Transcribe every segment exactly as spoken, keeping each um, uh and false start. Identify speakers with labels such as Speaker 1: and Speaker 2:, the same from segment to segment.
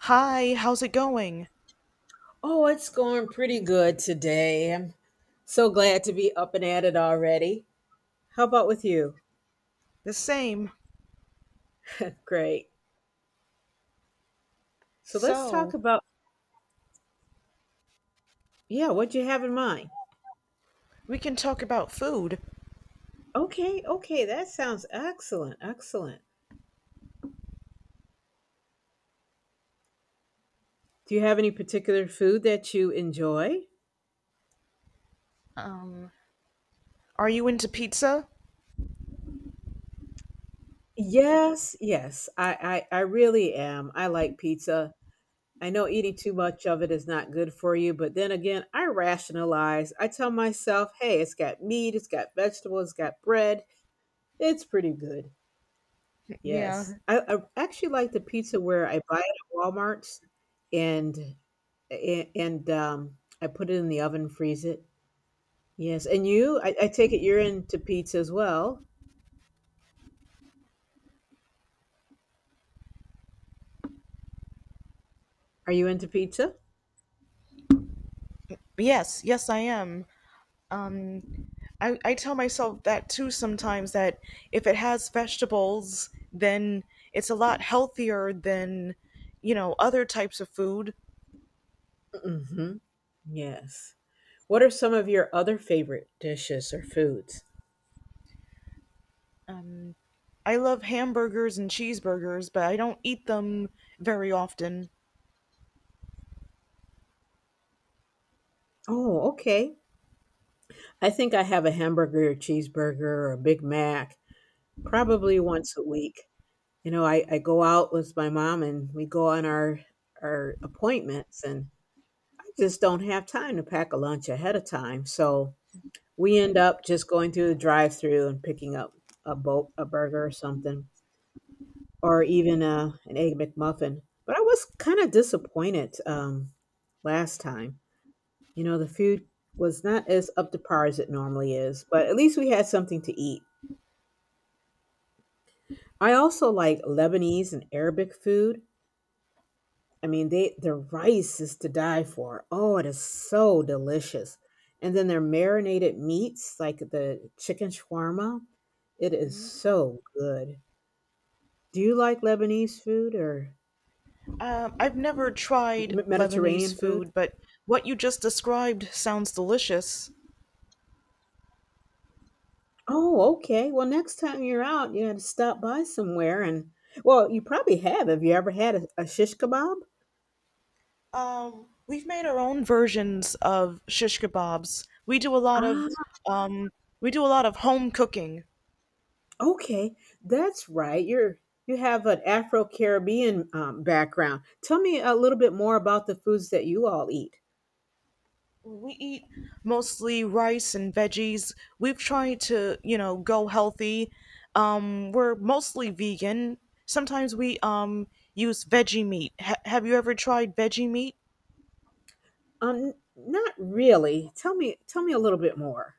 Speaker 1: Hi, how's it going?
Speaker 2: Oh, it's going pretty good today. I'm so glad to be up and at it already. How about with you?
Speaker 1: The same.
Speaker 2: Great. So let's talk
Speaker 1: So,
Speaker 2: about, yeah, what you have in mind.
Speaker 1: we can talk about food.
Speaker 2: Okay, okay, that sounds excellent. Excellent. Do you have any particular food that you enjoy?
Speaker 1: Are you into pizza?
Speaker 2: Yes, yes. I, I, I really am. I like pizza. I know eating too much of it is not good for you, but then again, I rationalize. I tell myself, hey, it's got meat, it's got vegetables, it's got bread. It's pretty good.
Speaker 1: Yeah.
Speaker 2: Yes. I I actually like the pizza where I buy it at Walmart's and a and, um, I put it in the oven, freeze it. Yes, and you? I I take it you're into pizza as well. Are you into pizza?
Speaker 1: Yes, yes, I am. Um, I, I tell myself that too sometimes that if it has vegetables, then it's a lot healthier than, you know, other types of food.
Speaker 2: Mhm. Yes. What are some of your other favorite dishes or foods?
Speaker 1: Um, I love hamburgers and cheeseburgers, but I don't eat them very often.
Speaker 2: Oh, okay. I think I have a hamburger or cheeseburger or a Big Mac probably once a week. You know, I I go out with my mom, and we go on our our appointments, and just don't have time to pack a lunch ahead of time. So we end up just going through the drive-through and picking up a bo- a burger or something, or even a an egg McMuffin. But I was kind of disappointed um, last time. You know, the food was not as up to par as it normally is, but at least we had something to eat. I also like Lebanese and Arabic food. I mean, they their rice is to die for. Oh, it is so delicious. And then their marinated meats, like the chicken shawarma, it is so good. Do you like Lebanese food or
Speaker 1: Um, I've never tried
Speaker 2: M-
Speaker 1: Lebanese
Speaker 2: Mediterranean food?
Speaker 1: food, but what you just described sounds delicious.
Speaker 2: Oh, okay. Well, next time you're out, you got to stop by somewhere and well, you probably have. Have you ever had a, a shish kebab?
Speaker 1: Um, we've made our own versions of shish kebabs. We do a lot of um, we do a lot of home cooking.
Speaker 2: Okay, that's right. You're you have an Afro-Caribbean um, background. Tell me a little bit more about the foods that you all eat.
Speaker 1: We eat mostly rice and veggies. We've tried to, you know, go healthy. Um, we're mostly vegan. Sometimes we um, use veggie meat. Ha- have you ever tried veggie meat?
Speaker 2: Um, not really. Tell me, tell me a little bit more.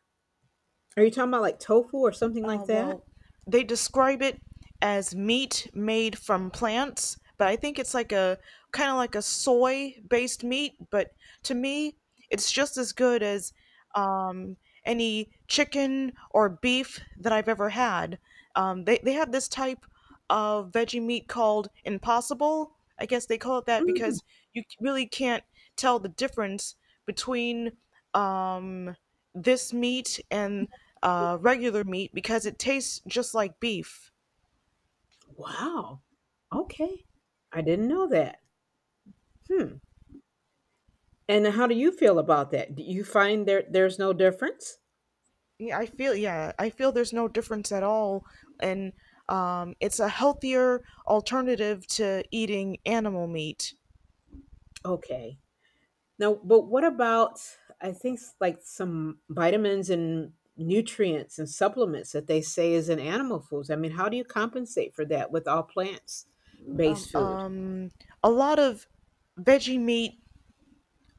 Speaker 2: Are you talking about like tofu or something like
Speaker 1: Uh,
Speaker 2: that?
Speaker 1: well, they describe it as meat made from plants, but I think it's like a kind of like a soy based meat. But to me, it's just as good as um, any chicken or beef that I've ever had. Um, they, they have this type of veggie meat called Impossible. I guess they call it that
Speaker 2: Mm,
Speaker 1: because you really can't tell the difference between. Um, this meat and uh, regular meat because it tastes just like beef.
Speaker 2: wow. Okay, I didn't know that. Hmm. And how do you feel about that? Do you find there there's no difference?
Speaker 1: Yeah, I feel yeah, I feel there's no difference at all, and um, it's a healthier alternative to eating animal meat.
Speaker 2: Okay. Now, but what about I think s- like some vitamins and nutrients and supplements that they say is in animal foods? I mean, how do you compensate for that with all plants based food?
Speaker 1: A lot of veggie meat,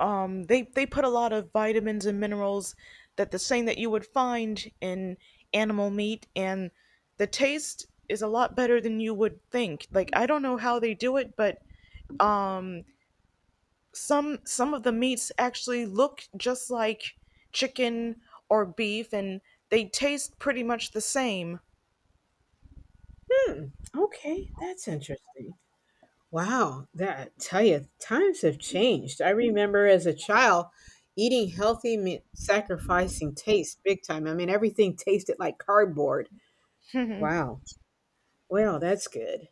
Speaker 1: um, they they put a lot of vitamins and minerals that the same that you would find in animal meat, and the taste is a lot better than you would think. Like I don't know how they do it, but um. some some of the meats actually look just like chicken or beef, and they taste pretty much the same.
Speaker 2: Hmm. Okay, that's interesting. Wow, that tell you times have changed. I remember as a child eating healthy meant sacrificing taste big time. I mean, everything tasted like cardboard. Wow. Well, that's good.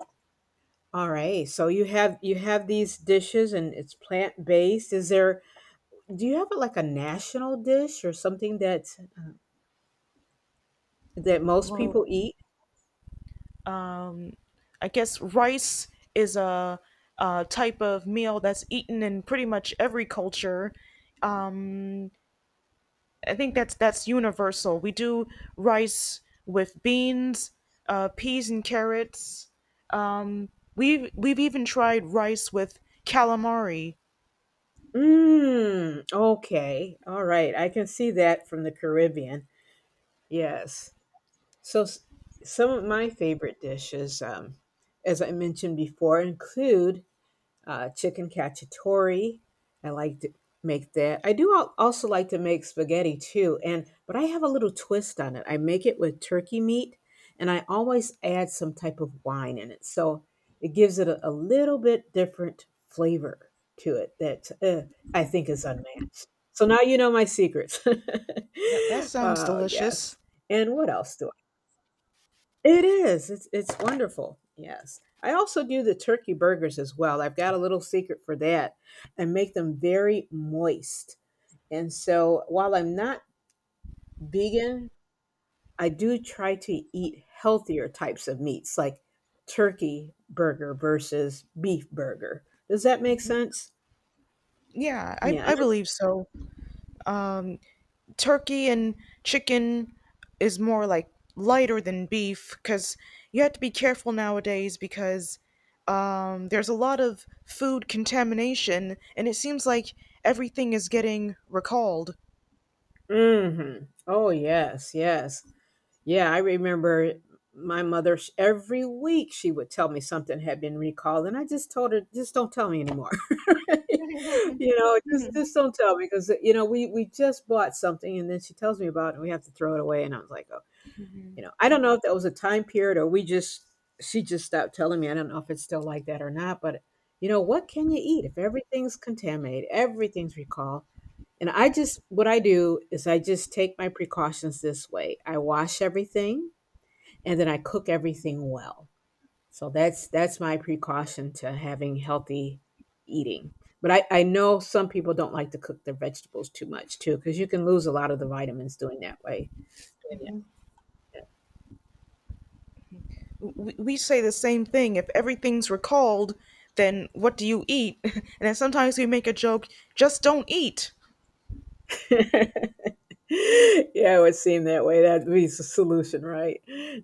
Speaker 2: All right. So you have you have these dishes and it's plant-based. Is there do you have like a national dish or something that that most
Speaker 1: Well,
Speaker 2: people eat?
Speaker 1: I guess rice is a, a type of meal that's eaten in pretty much every culture. um, I think that's that's universal. We do rice with beans, uh, peas and carrots. We've we've even tried rice with calamari.
Speaker 2: Mm, okay. All right. I can see that from the Caribbean. Yes. So s- some of my favorite dishes um as I mentioned before include uh, chicken cacciatore. I like to make that. I do al- also like to make spaghetti too, and but I have a little twist on it. I make it with turkey meat, and I always add some type of wine in it, so it gives it a, a little bit different flavor to it that uh, I think is unmatched. So now you know my secrets.
Speaker 1: That that sounds
Speaker 2: Oh
Speaker 1: delicious.
Speaker 2: yes, and what else do it is. It's it's wonderful. Yes. I also do the turkey burgers as well. I've got a little secret for that and make them very moist. And so while I'm not vegan, I do try to eat healthier types of meats like turkey burger versus beef burger. Does that make sense?
Speaker 1: Yeah, i
Speaker 2: Yeah. and
Speaker 1: i
Speaker 2: it's-
Speaker 1: believe so. um, Turkey and chicken is more like lighter than beef, because you have to be careful nowadays because um, there's a lot of food contamination and it seems like everything is getting recalled.
Speaker 2: Mhm. Oh, yes, yes. Yeah, I remember my mother sh- every week she would tell me something had been recalled, and I just told her, just don't tell me anymore. You know, just just don't tell me because you know we we just bought something, and then she tells me about it, and we have to throw it away, and I was like, oh, you know, I don't know if that was a time period or we just she just stopped telling me. I don't know if it's still like that or not, but you know, what can you eat if everything's contaminated, everything's recalled? And I just what I do is I just take my precautions this way. I wash everything and then I cook everything well. So that's that's my precaution to having healthy eating. But I, I know some people don't like to cook their vegetables too much too, because you can lose a lot of the vitamins doing that way.
Speaker 1: We, we say the same thing, if everything's recalled, then what do you eat? And then sometimes we make a joke, just don't eat.
Speaker 2: Yeah, it would seem that way. That'd be the solution, right?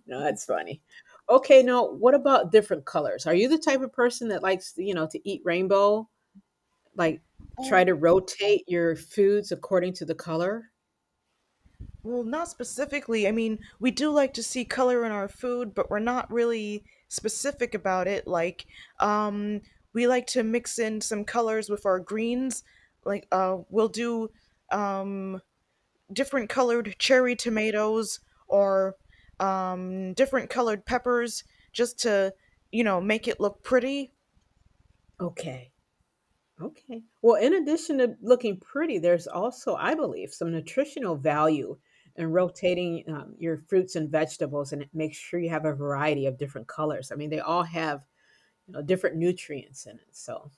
Speaker 2: No, that's funny. Okay, now what about different colors? Are you the type of person that likes, you know, to eat rainbow? Like try to rotate your foods according to the color?
Speaker 1: Well, not specifically. I mean, we do like to see color in our food, but we're not really specific about it. Like, um, we like to mix in some colors with our greens. Like, uh, we'll do um, different colored cherry tomatoes or um, different colored peppers just to, you know, make it look pretty.
Speaker 2: Okay. Okay. Well, in addition to looking pretty, there's also, I believe, some nutritional value in rotating um, your fruits and vegetables and make sure you have a variety of different colors. I mean, they all have you know, different nutrients in it. So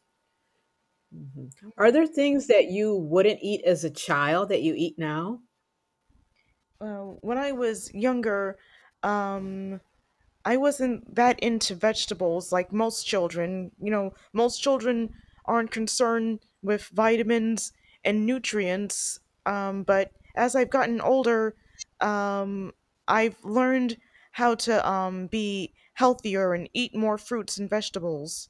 Speaker 2: Mhm. Are there things that you wouldn't eat as a child that you eat now?
Speaker 1: Uh, when I was younger, um, I wasn't that into vegetables like most children. You know, most children aren't concerned with vitamins and nutrients. Um, but as I've gotten older, um, I've learned how to um, be healthier and eat more fruits and vegetables.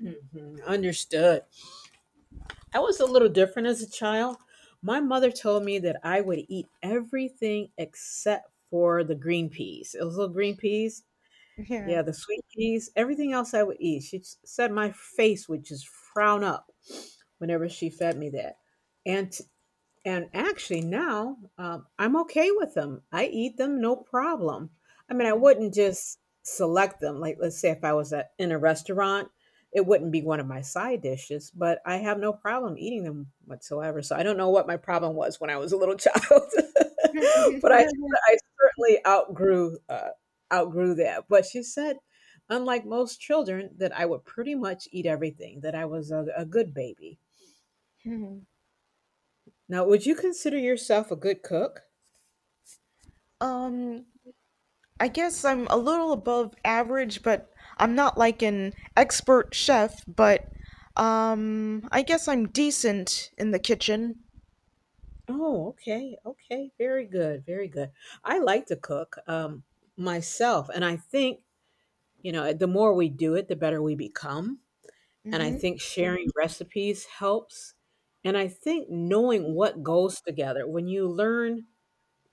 Speaker 2: Mhm, understood. I was a little different as a child. My mother told me that I would eat everything except for the green peas. Those little green peas,
Speaker 1: Yeah.
Speaker 2: yeah, the sweet peas, everything else I would eat. She s- said my face would just frown up whenever she fed me that. And And actually, now um, I'm okay with them. I eat them no problem. I mean, I wouldn't just select them. Like, let's say if I was at, in a restaurant, it wouldn't be one of my side dishes, but I have no problem eating them whatsoever. So I don't know what my problem was when I was a little child, but I, I certainly outgrew uh, outgrew that. But she said, unlike most children, that I would pretty much eat everything. That I was a, a good baby. Now, would you consider yourself a good cook?
Speaker 1: Um, I guess I'm a little above average, but I'm not like an expert chef, but um, I guess I'm decent in the kitchen.
Speaker 2: Oh, okay. Okay. Very good. Very good. I like to cook um, myself. And I think, you know, the more we do it, the better we become. And I think sharing Mhm. recipes helps. And I think knowing what goes together, when you learn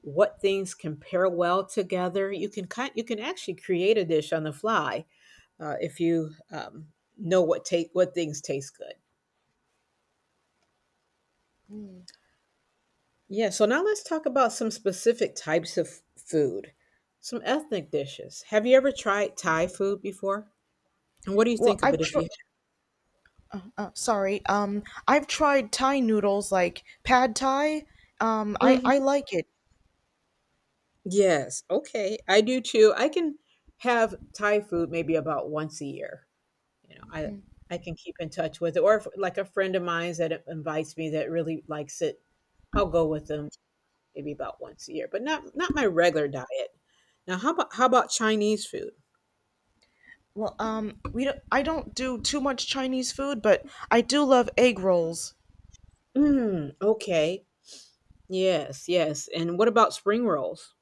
Speaker 2: what things can pair well together, you can kind, you can actually create a dish on the fly uh, if you um, know what take what things taste good. Yeah, so now let's talk about some specific types of food, some ethnic dishes. Have you ever tried Thai food before? And what do you
Speaker 1: Well,
Speaker 2: think of it
Speaker 1: I've
Speaker 2: if
Speaker 1: tr-
Speaker 2: you
Speaker 1: uh, sorry. Um, I've tried Thai noodles like pad Thai. Um, I I
Speaker 2: Mhm.
Speaker 1: like it.
Speaker 2: Yes, okay. I do too. I can have Thai food maybe about once a year. You know, I I can keep in touch with it. Or if, like a friend of mine that invites me that really likes it, I'll go with them maybe about once a year, but not not my regular diet. Now, how about how about Chinese food?
Speaker 1: Well, um, we don't, I don't do too much Chinese food, but I do love egg rolls.
Speaker 2: Mm, okay. Yes, yes. And what about spring rolls?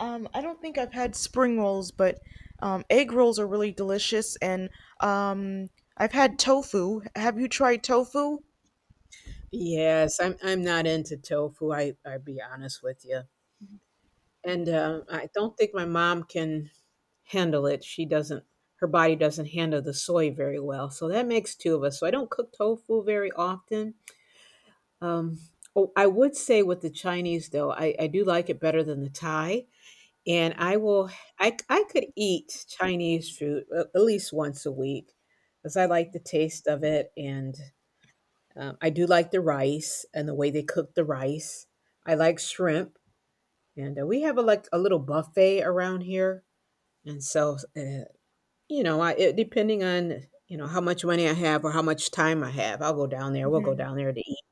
Speaker 1: Um, I don't think I've had spring rolls, but um, egg rolls are really delicious, and um, I've had tofu. Have you tried tofu?
Speaker 2: Yes, I'm I'm not into tofu. I i be honest with you. And uh, I don't think my mom can handle it. She doesn't Her body doesn't handle the soy very well. So that makes two of us. So I don't cook tofu very often. Um oh, I would say with the Chinese though, I, I do like it better than the Thai. And I will I I could eat Chinese food a- at least once a week because I like the taste of it and um, I do like the rice and the way they cook the rice. I like shrimp, and uh, we have a like a little buffet around here. And so, uh, you know, I it, depending on you know how much money I have or how much time I have, I'll go down there. We'll go down there to eat.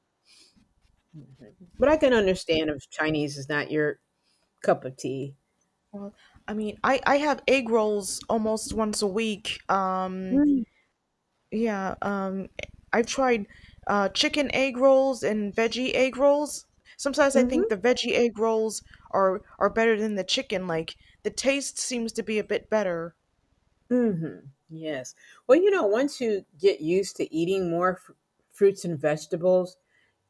Speaker 2: Mhm. But I can understand if Chinese is not your cup of tea.
Speaker 1: Well, I mean, I, I have egg rolls almost once a week. Um,
Speaker 2: Mm,
Speaker 1: Yeah, um, I tried uh, chicken egg rolls and veggie egg rolls. Sometimes I think
Speaker 2: Mhm.
Speaker 1: the veggie egg rolls are are better than the chicken. Like the taste seems to be a bit better.
Speaker 2: Mhm. Yes. Well, you know, once you get used to eating more fr- fruits and vegetables,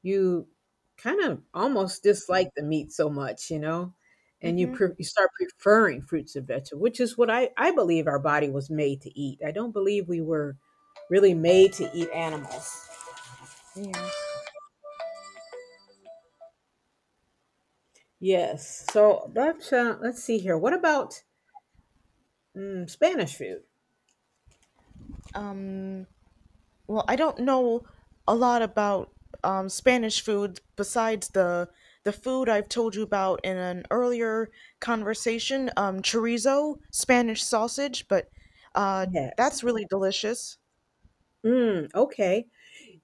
Speaker 2: you kind of almost dislike the meat so much, you know, and you
Speaker 1: hmm
Speaker 2: pre- you start preferring fruits and vegetables, which is what I I believe our body was made to eat. I don't believe we were really made to eat animals.
Speaker 1: Yeah.
Speaker 2: Yes. So let's uh, let's see here. What about mm, Spanish food?
Speaker 1: Well, I don't know a lot about um, Spanish food besides the the food I've told you about in an earlier conversation, um, chorizo, Spanish sausage, but uh,
Speaker 2: Yes.
Speaker 1: that's really delicious.
Speaker 2: Mm, okay.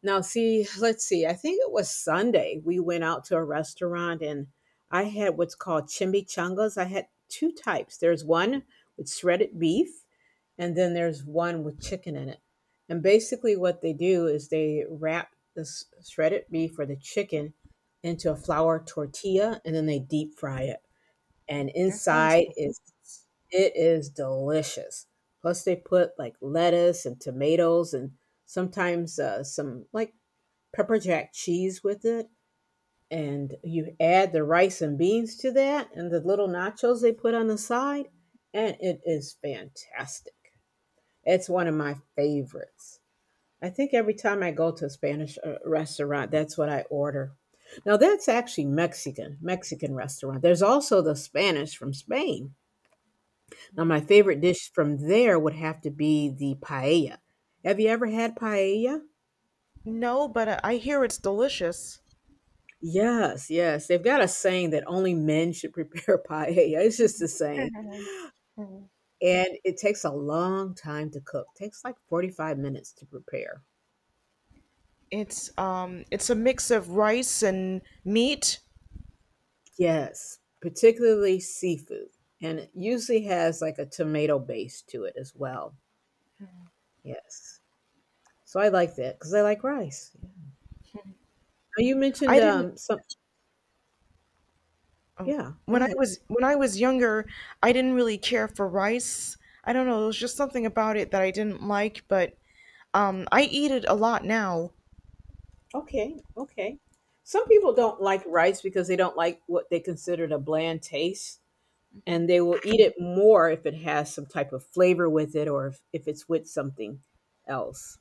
Speaker 2: Now, see, let's see. I think it was Sunday. We went out to a restaurant and I had what's called chimichangas. I had two types. There's one with shredded beef, and then there's one with chicken in it. And basically, what they do is they wrap the s- shredded beef or the chicken into a flour tortilla and then they deep fry it. And
Speaker 1: That sounds
Speaker 2: inside is,
Speaker 1: delicious.
Speaker 2: it is delicious. Plus, they put like lettuce and tomatoes and sometimes uh, some like pepper jack cheese with it, and you add the rice and beans to that and the little nachos they put on the side, and it is fantastic. It's one of my favorites. I think every time I go to a Spanish uh, restaurant, that's what I order. Now that's actually Mexican, Mexican restaurant. There's also the Spanish from Spain. Now my favorite dish from there would have to be the paella. Have you ever had paella?
Speaker 1: No, but uh, I hear it's delicious.
Speaker 2: Yes, yes. They've got a saying that only men should prepare paella. It's just a saying. And it takes a long time to cook. Takes like forty-five minutes to prepare.
Speaker 1: It's um it's a mix of rice and meat.
Speaker 2: Yes, particularly seafood. And it usually has like a tomato base to it as well. Yes. So I like that because I like rice. Yeah. Now you mentioned
Speaker 1: I didn't
Speaker 2: um some. Yeah, go
Speaker 1: When I
Speaker 2: ahead.
Speaker 1: was when I was younger, I didn't really care for rice. I don't know, there was just something about it that I didn't like, but um I eat it a lot now.
Speaker 2: Okay, okay. Some people don't like rice because they don't like what they considered a bland taste, and they will eat it more if it has some type of flavor with it, or if, if it's with something else,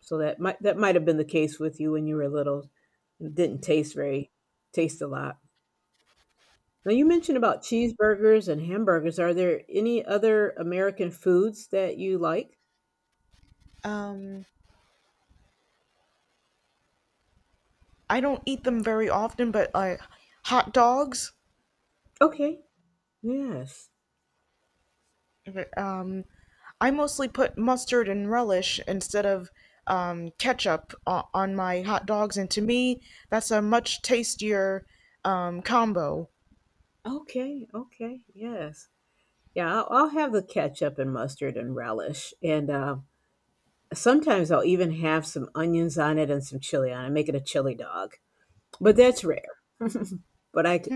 Speaker 2: so that might that might have been the case with you when you were little. It didn't taste very taste a lot. Now you mentioned about cheeseburgers and hamburgers. Are there any other American foods that you like?
Speaker 1: Um I don't eat them very often, but uh hot dogs.
Speaker 2: Okay. Yes.
Speaker 1: Okay. Um, I mostly put mustard and relish instead of um, ketchup o- on my hot dogs, and to me, that's a much tastier um, combo.
Speaker 2: Okay, okay. Yes. Yeah, i'll, I'll have the ketchup and mustard and relish and uh, sometimes I'll even have some onions on it and some chili on it, make it a chili dog. But that's rare. But I, i c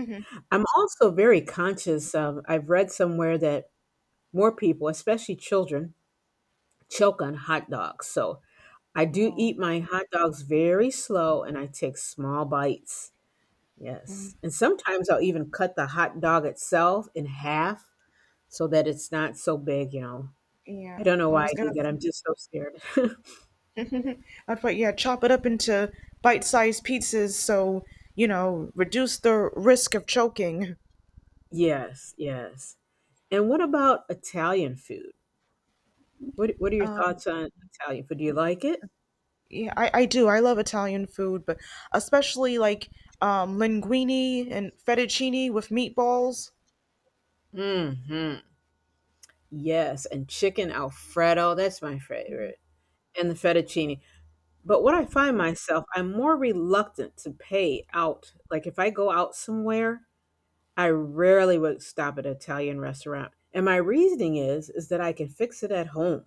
Speaker 2: I'm also very conscious of, I've read somewhere that more people, especially children, choke on hot dogs. So I do
Speaker 1: Oh,
Speaker 2: eat my hot dogs very slow and I take small bites. Yes. And sometimes I'll even cut the hot dog itself in half so that it's not so big, you know. I
Speaker 1: yeah,
Speaker 2: don't know
Speaker 1: I
Speaker 2: why I
Speaker 1: was
Speaker 2: do
Speaker 1: gonna.
Speaker 2: that. I'm just so scared.
Speaker 1: I'd put, yeah, chop it up into bite-sized pieces, so, you know, reduce the risk of choking.
Speaker 2: Yes, yes. And what about Italian food? What what are your
Speaker 1: Um,
Speaker 2: thoughts on Italian food? Do you like it?
Speaker 1: yeah, I, I do. I love Italian food, but especially like um, linguine and fettuccine with meatballs.
Speaker 2: Hmm. Yes, and chicken alfredo, that's my favorite, and the fettuccine. But what I find myself, I'm more reluctant to pay out. Like if I go out somewhere, I rarely would stop at an Italian restaurant. And my reasoning is is that I can fix it at home.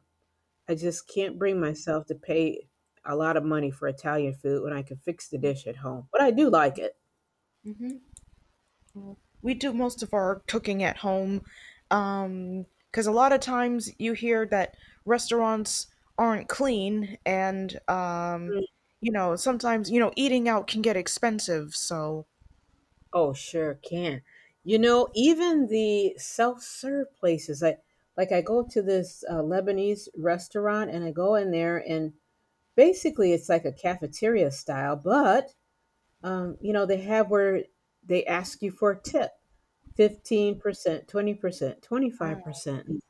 Speaker 2: I just can't bring myself to pay a lot of money for Italian food when I can fix the dish at home. But I do like it.
Speaker 1: We do most of our cooking at home, um because a lot of times you hear that restaurants aren't clean, and um you know sometimes, you know, eating out can get expensive, so.
Speaker 2: Oh, sure can. You know, even the self-serve places, I like I go to this uh, Lebanese restaurant and I go in there, and basically it's like a cafeteria style, but um, you know, they have where they ask you for a tip, fifteen percent, twenty percent, twenty-five percent.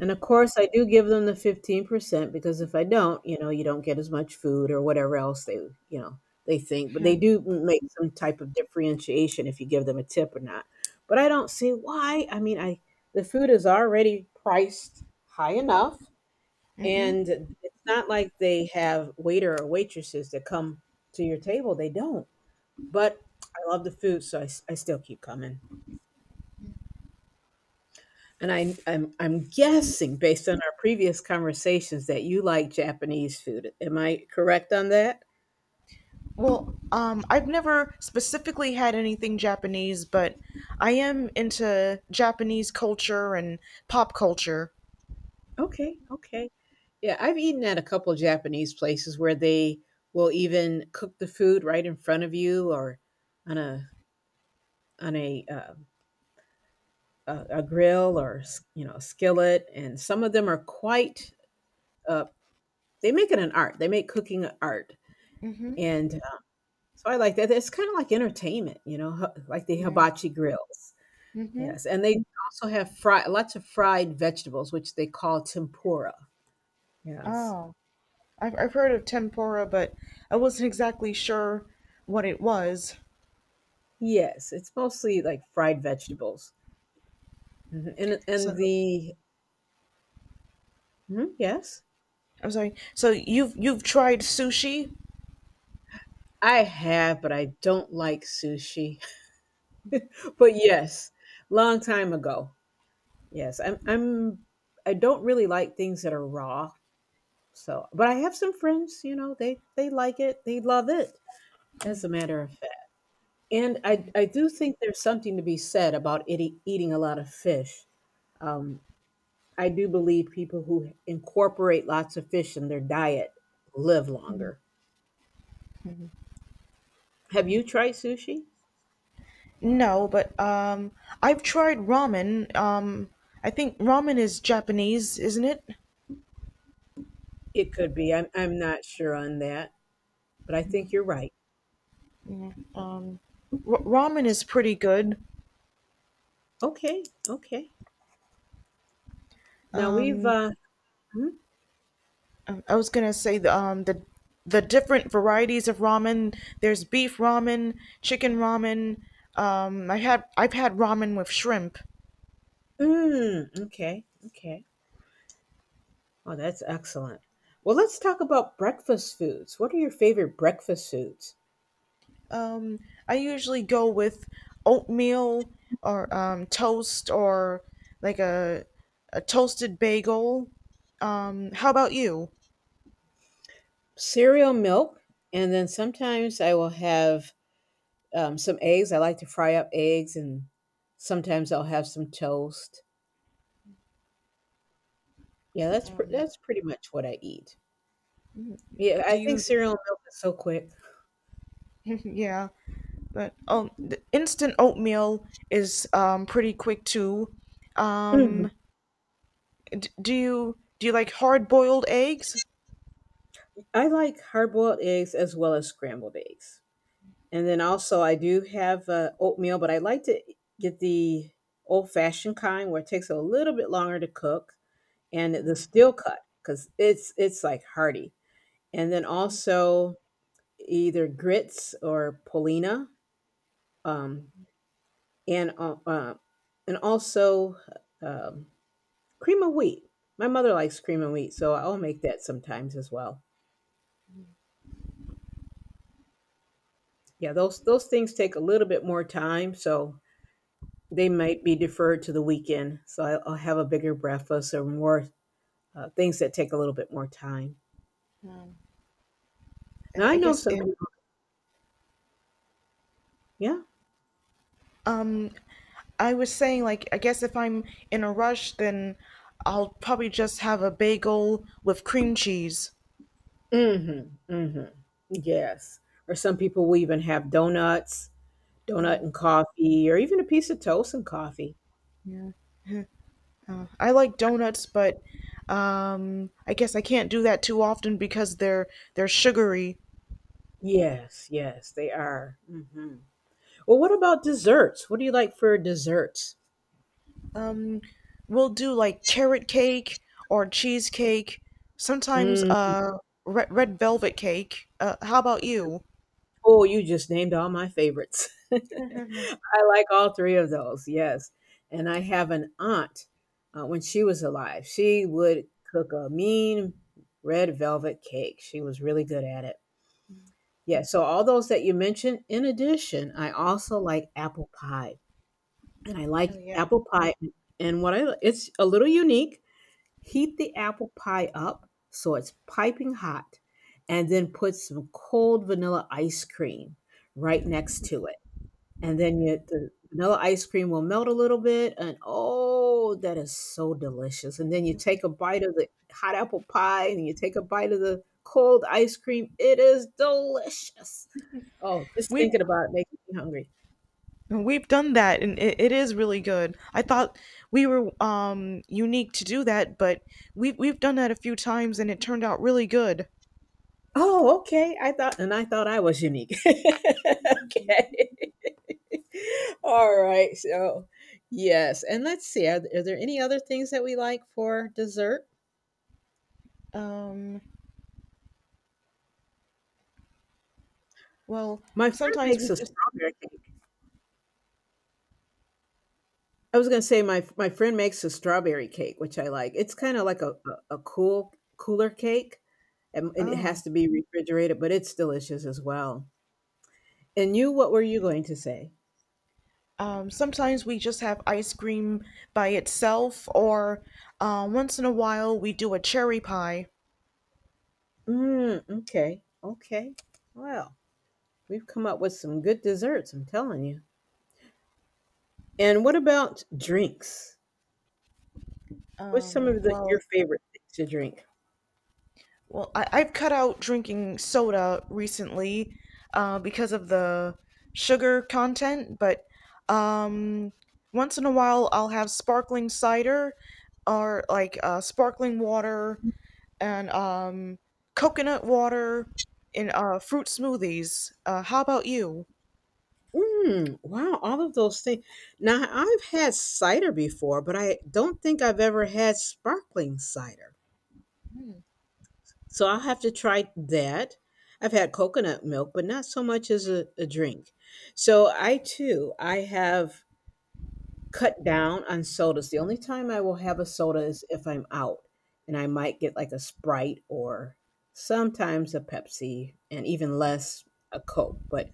Speaker 2: And of course, I do give them the fifteen percent because if I don't, you know, you don't get as much food or whatever else they, you know, they think. But they do make some type of differentiation if you give them a tip or not. But I don't see why. I mean, I the food is already priced high enough, and
Speaker 1: hmm
Speaker 2: it's not like they have waiter or waitresses that come to your table. They don't. But I love the food, so I, s- I still keep coming. And I, I'm I'm guessing based on our previous conversations that you like Japanese food. Am I correct on that?
Speaker 1: well, um I've never specifically had anything Japanese, but I am into Japanese culture and pop culture.
Speaker 2: Okay, okay. Yeah, I've eaten at a couple Japanese places where they will even cook the food right in front of you or on a on a uh, a, a grill or s- you know, skillet. And some of them are quite, uh, they make it an art. They make cooking an art. And uh, so I like that. It's kind of like entertainment, you know, h- like the
Speaker 1: Yeah.
Speaker 2: hibachi grills.
Speaker 1: Mm-hmm.
Speaker 2: Yes, and they also have fry lots of fried vegetables, which they call tempura. Yes.
Speaker 1: Oh, I've, I've heard of tempura, but I wasn't exactly sure what it was.
Speaker 2: Yes, it's mostly like fried vegetables. Mhm, and and
Speaker 1: So
Speaker 2: the mhm, yes?
Speaker 1: I'm sorry. So you've you've tried sushi?
Speaker 2: I have, but I don't like sushi. But yes, long time ago. Yes, I'm I'm I don't really like things that are raw. So, but I have some friends, you know, they they like it. They love it, as a matter of fact. And I I do think there's something to be said about eating eating a lot of fish. Um, I do believe people who incorporate lots of fish in their diet live longer. Have you tried sushi?
Speaker 1: No, but um, I've tried ramen. Um, I think ramen is Japanese, isn't it?
Speaker 2: It could be. I'm, I'm not sure on that, but I think you're right.
Speaker 1: Um, r- Ramen is pretty good.
Speaker 2: Okay, okay. Now we've,
Speaker 1: Um,
Speaker 2: uh, mm.
Speaker 1: I I was gonna say the um the the different varieties of ramen. There's beef ramen, chicken ramen. Um, I had I've had ramen with shrimp.
Speaker 2: Mm, okay, okay. Oh, that's excellent. Well, let's talk about breakfast foods. What are your favorite breakfast foods?
Speaker 1: I usually go with oatmeal or um, toast or like a a toasted bagel. Um, how about you?
Speaker 2: Cereal, milk, and then sometimes I will have um, some eggs. I like to fry up eggs, and sometimes I'll have some toast. Yeah, that's pr that's pretty much what I eat. Yeah,
Speaker 1: Do
Speaker 2: I think
Speaker 1: you?
Speaker 2: cereal and milk is so quick.
Speaker 1: Yeah, but um, the instant oatmeal is um, pretty quick too.
Speaker 2: Mhm.
Speaker 1: Um, d- do you do you like hard boiled eggs?
Speaker 2: I like hard-boiled eggs as well as scrambled eggs. And then also I do have, uh, oatmeal, but I like to e, get the old-fashioned kind where it takes a little bit longer to cook, and the steel cut because it's it's, like, hearty. And then also either grits or polina, um, and, uh, uh, and also, um cream of wheat. My mother likes cream of wheat, so I'll make that sometimes as well. Yeah, those those things take a little bit more time, so they might be deferred to the weekend. So I- I'll have a bigger breakfast or more uh, things that take a little bit more time.
Speaker 1: I
Speaker 2: Now I
Speaker 1: I
Speaker 2: know
Speaker 1: guess
Speaker 2: some
Speaker 1: if,
Speaker 2: people. Yeah.
Speaker 1: um, I was saying, like, I guess if I'm in a rush, then I'll probably just have a bagel with cream cheese.
Speaker 2: Mm-hmm. Mm-hmm. Yes. Or some people will even have donuts, donut and coffee, or even a piece of toast and coffee.
Speaker 1: I like donuts, but um, I guess I can't do that too often because they're they're sugary.
Speaker 2: Yes, yes, they are. Hmm. Well, what about desserts? What do you like for desserts?
Speaker 1: Um, we'll do like carrot cake or cheesecake, sometimes uh red, red velvet cake. Uh, how about you?
Speaker 2: Oh, you just named all my favorites. I like all three of those. Yes. And I have an aunt, uh, when she was alive, she would cook a mean red velvet cake. She was really good at it. Yeah. So, all those that you mentioned, in addition, I also like apple pie. And I
Speaker 1: Oh,
Speaker 2: like
Speaker 1: yeah.
Speaker 2: apple pie. And what I it's a little unique. Heat the apple pie up so it's piping hot, and then put some cold vanilla ice cream right next to it. And then you the vanilla ice cream will melt a little bit, and oh, that is so delicious. And then you take a bite of the hot apple pie, and you take a bite of the cold ice cream. It is delicious. Oh, just
Speaker 1: We've
Speaker 2: thinking about it makes me hungry.
Speaker 1: we've done that, and it, it is really good. I thought we were um unique to do that, but we've we've done that a few times and it turned out really good.
Speaker 2: Oh, okay. I thought, and I thought I was unique. Okay. All right. So, yes. And let's see. Are, are there any other things that we like for dessert?
Speaker 1: Um, well,
Speaker 2: My friend
Speaker 1: sometimes
Speaker 2: makes
Speaker 1: we
Speaker 2: a
Speaker 1: just
Speaker 2: strawberry cake. I was going to say my my friend makes a strawberry cake, which I like. It's kind of like a, a, a cool cooler cake, and, and it
Speaker 1: Oh.
Speaker 2: has to be refrigerated, but it's delicious as well. And you, what were you going to say?
Speaker 1: Um, sometimes we just have ice cream by itself, or uh, once in a while we do a cherry pie.
Speaker 2: Mm, okay. Okay. Well, we've come up with some good desserts, I'm telling you. And what about drinks? What's some
Speaker 1: Um,
Speaker 2: of the, your
Speaker 1: well,
Speaker 2: favorite things to drink?
Speaker 1: well, I, I've cut out drinking soda recently, uh, because of the sugar content, but um, once in a while I'll have sparkling cider or like uh, sparkling water, and um, coconut water in uh, fruit smoothies. Uh, how about you?
Speaker 2: Mm, wow, all of those things. Now, I've had cider before, but I don't think I've ever had sparkling cider. So I'll have to try that. I've had coconut milk, but not so much as a, a drink. So I too, I have cut down on sodas. The only time I will have a soda is if I'm out, and I might get like a Sprite or sometimes a Pepsi, and even less a Coke. But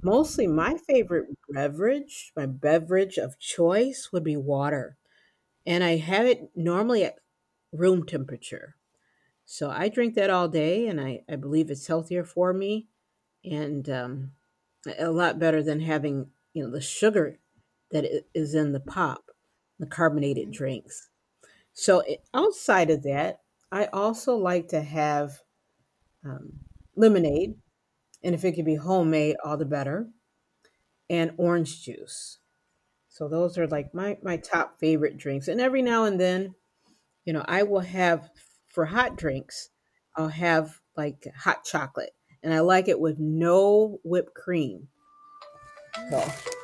Speaker 2: mostly my favorite beverage, my beverage of choice would be water. And I have it normally at room temperature. So I drink that all day, and I, I believe it's healthier for me and um, a lot better than having you know the sugar that i- is in the pop, the carbonated drinks. So i- outside of that, I also like to have um, lemonade, and if it could be homemade, all the better, and orange juice. So those are like my my top favorite drinks. And every now and then, you know, I will have for hot drinks, I'll have like hot chocolate, and I like it with no whipped cream. So,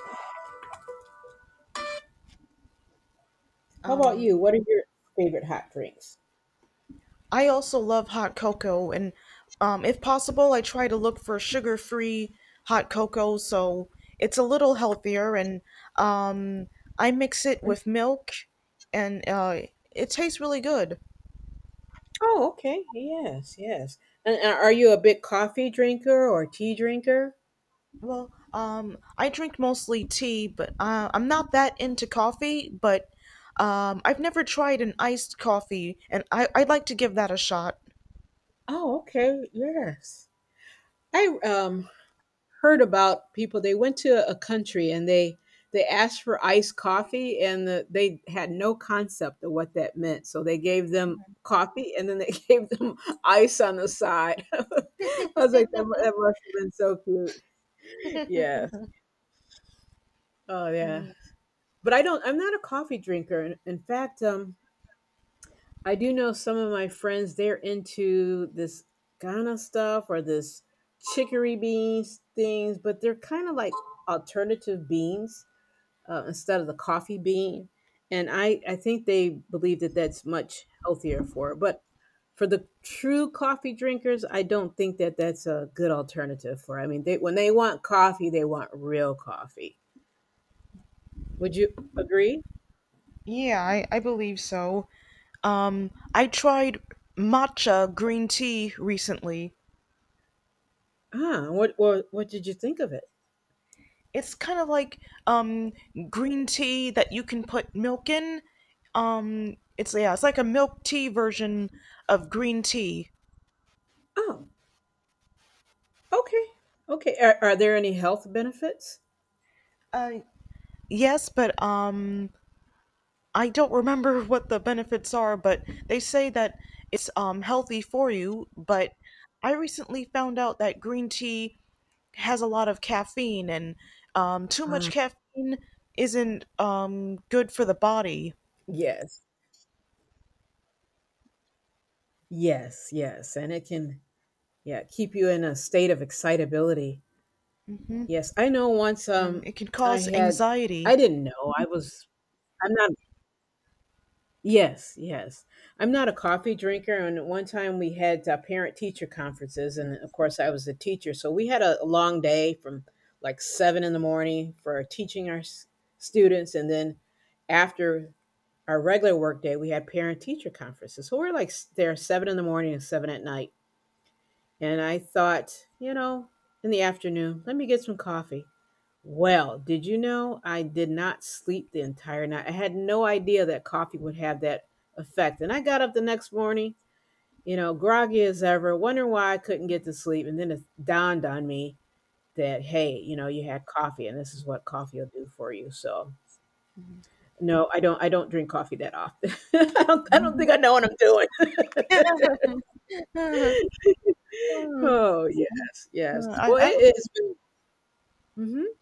Speaker 2: how about you? What are your favorite hot drinks?
Speaker 1: I also love hot cocoa, and um, if possible, I try to look for sugar free hot cocoa so it's a little healthier. And um, I mix it with milk, and uh, it tastes really good.
Speaker 2: Oh, okay. Yes, yes. And, and are you a big coffee drinker or tea drinker?
Speaker 1: Well, um, I drink mostly tea, but uh, I'm not that into coffee, but um, I've never tried an iced coffee, and I, I'd like to give that a shot.
Speaker 2: Oh, okay. Yes. I um heard about people. They went to a country and they they asked for iced coffee and the, they had no concept of what that meant. So they gave them coffee and then they gave them ice on the side. I was like that, mu- that must have been so cute. Yes. Oh, yeah. But I don't. I'm not a coffee drinker. In, in fact, um, I do know some of my friends. They're into this Ghana stuff or this chicory beans things, but they're kind of like alternative beans uh, instead of the coffee bean. And I, I think they believe that that's much healthier for it. But for the true coffee drinkers, I don't think that that's a good alternative for. I mean, they when they want coffee, they want real coffee. Would you agree?
Speaker 1: Yeah, I, I believe so. Um, I tried matcha green tea recently.
Speaker 2: Ah, what what what did you think of it?
Speaker 1: It's kind of like um green tea that you can put milk in. Um, it's, yeah, it's like a milk tea version of green tea.
Speaker 2: Oh, okay, okay. Are, are there any health benefits?
Speaker 1: Uh, yes, but um, I don't remember what the benefits are, but they say that it's um healthy for you. But I recently found out that green tea has a lot of caffeine, and um, too much
Speaker 2: Ah,
Speaker 1: caffeine isn't um, good for the body.
Speaker 2: yes, yes, yes, and it can, yeah, keep you in a state of excitability. Yes, I know. Once
Speaker 1: Um,
Speaker 2: um,
Speaker 1: it can
Speaker 2: I
Speaker 1: cause
Speaker 2: had, I
Speaker 1: anxiety.
Speaker 2: didn't know I was, I'm not. Yes, yes. I'm not a coffee drinker. And at one time we had uh, parent teacher conferences. And of course, I was a teacher. So we had a, a long day from like seven in the morning for teaching our s- students. And then after our regular work day, we had parent teacher conferences. So we're like s- there seven in the morning and seven at night. And I thought, you know, in the afternoon, let me get some coffee. Well, did you know I did not sleep the entire night? I had no idea that coffee would have that effect. And I got up the next morning, you know, groggy as ever, wondering why I couldn't get to sleep. And then it dawned on me that, hey, you know, you had coffee and this is what coffee will do for you. So no, I don't I don't drink coffee that often. I don't I don't think I know what I'm doing. Oh, yes, yes.
Speaker 1: Uh, I,
Speaker 2: Well,
Speaker 1: I
Speaker 2: it has been. Mhm.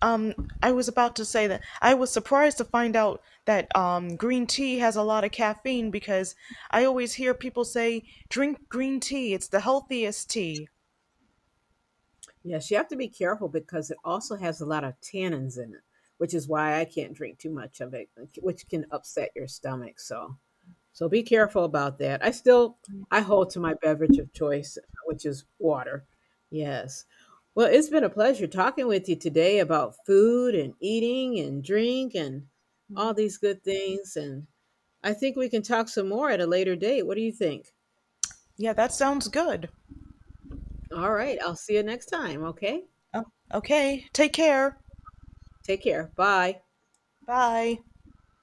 Speaker 1: um I was about to say that I was surprised to find out that um green tea has a lot of caffeine, because I always hear people say drink green tea, it's the healthiest tea.
Speaker 2: Yes, you have to be careful because it also has a lot of tannins in it, which is why I can't drink too much of it, like, which can upset your stomach. So, so be careful about that. I still I hold to my beverage of choice, which is water. Yes. Well, it's been a pleasure talking with you today about food and eating and drink and all these good things. And I think we can talk some more at a later date. What do you think?
Speaker 1: Yeah, that sounds good.
Speaker 2: All right. I'll see you next time. Okay.
Speaker 1: Oh, okay, take care.
Speaker 2: Take care. Bye.
Speaker 1: Bye.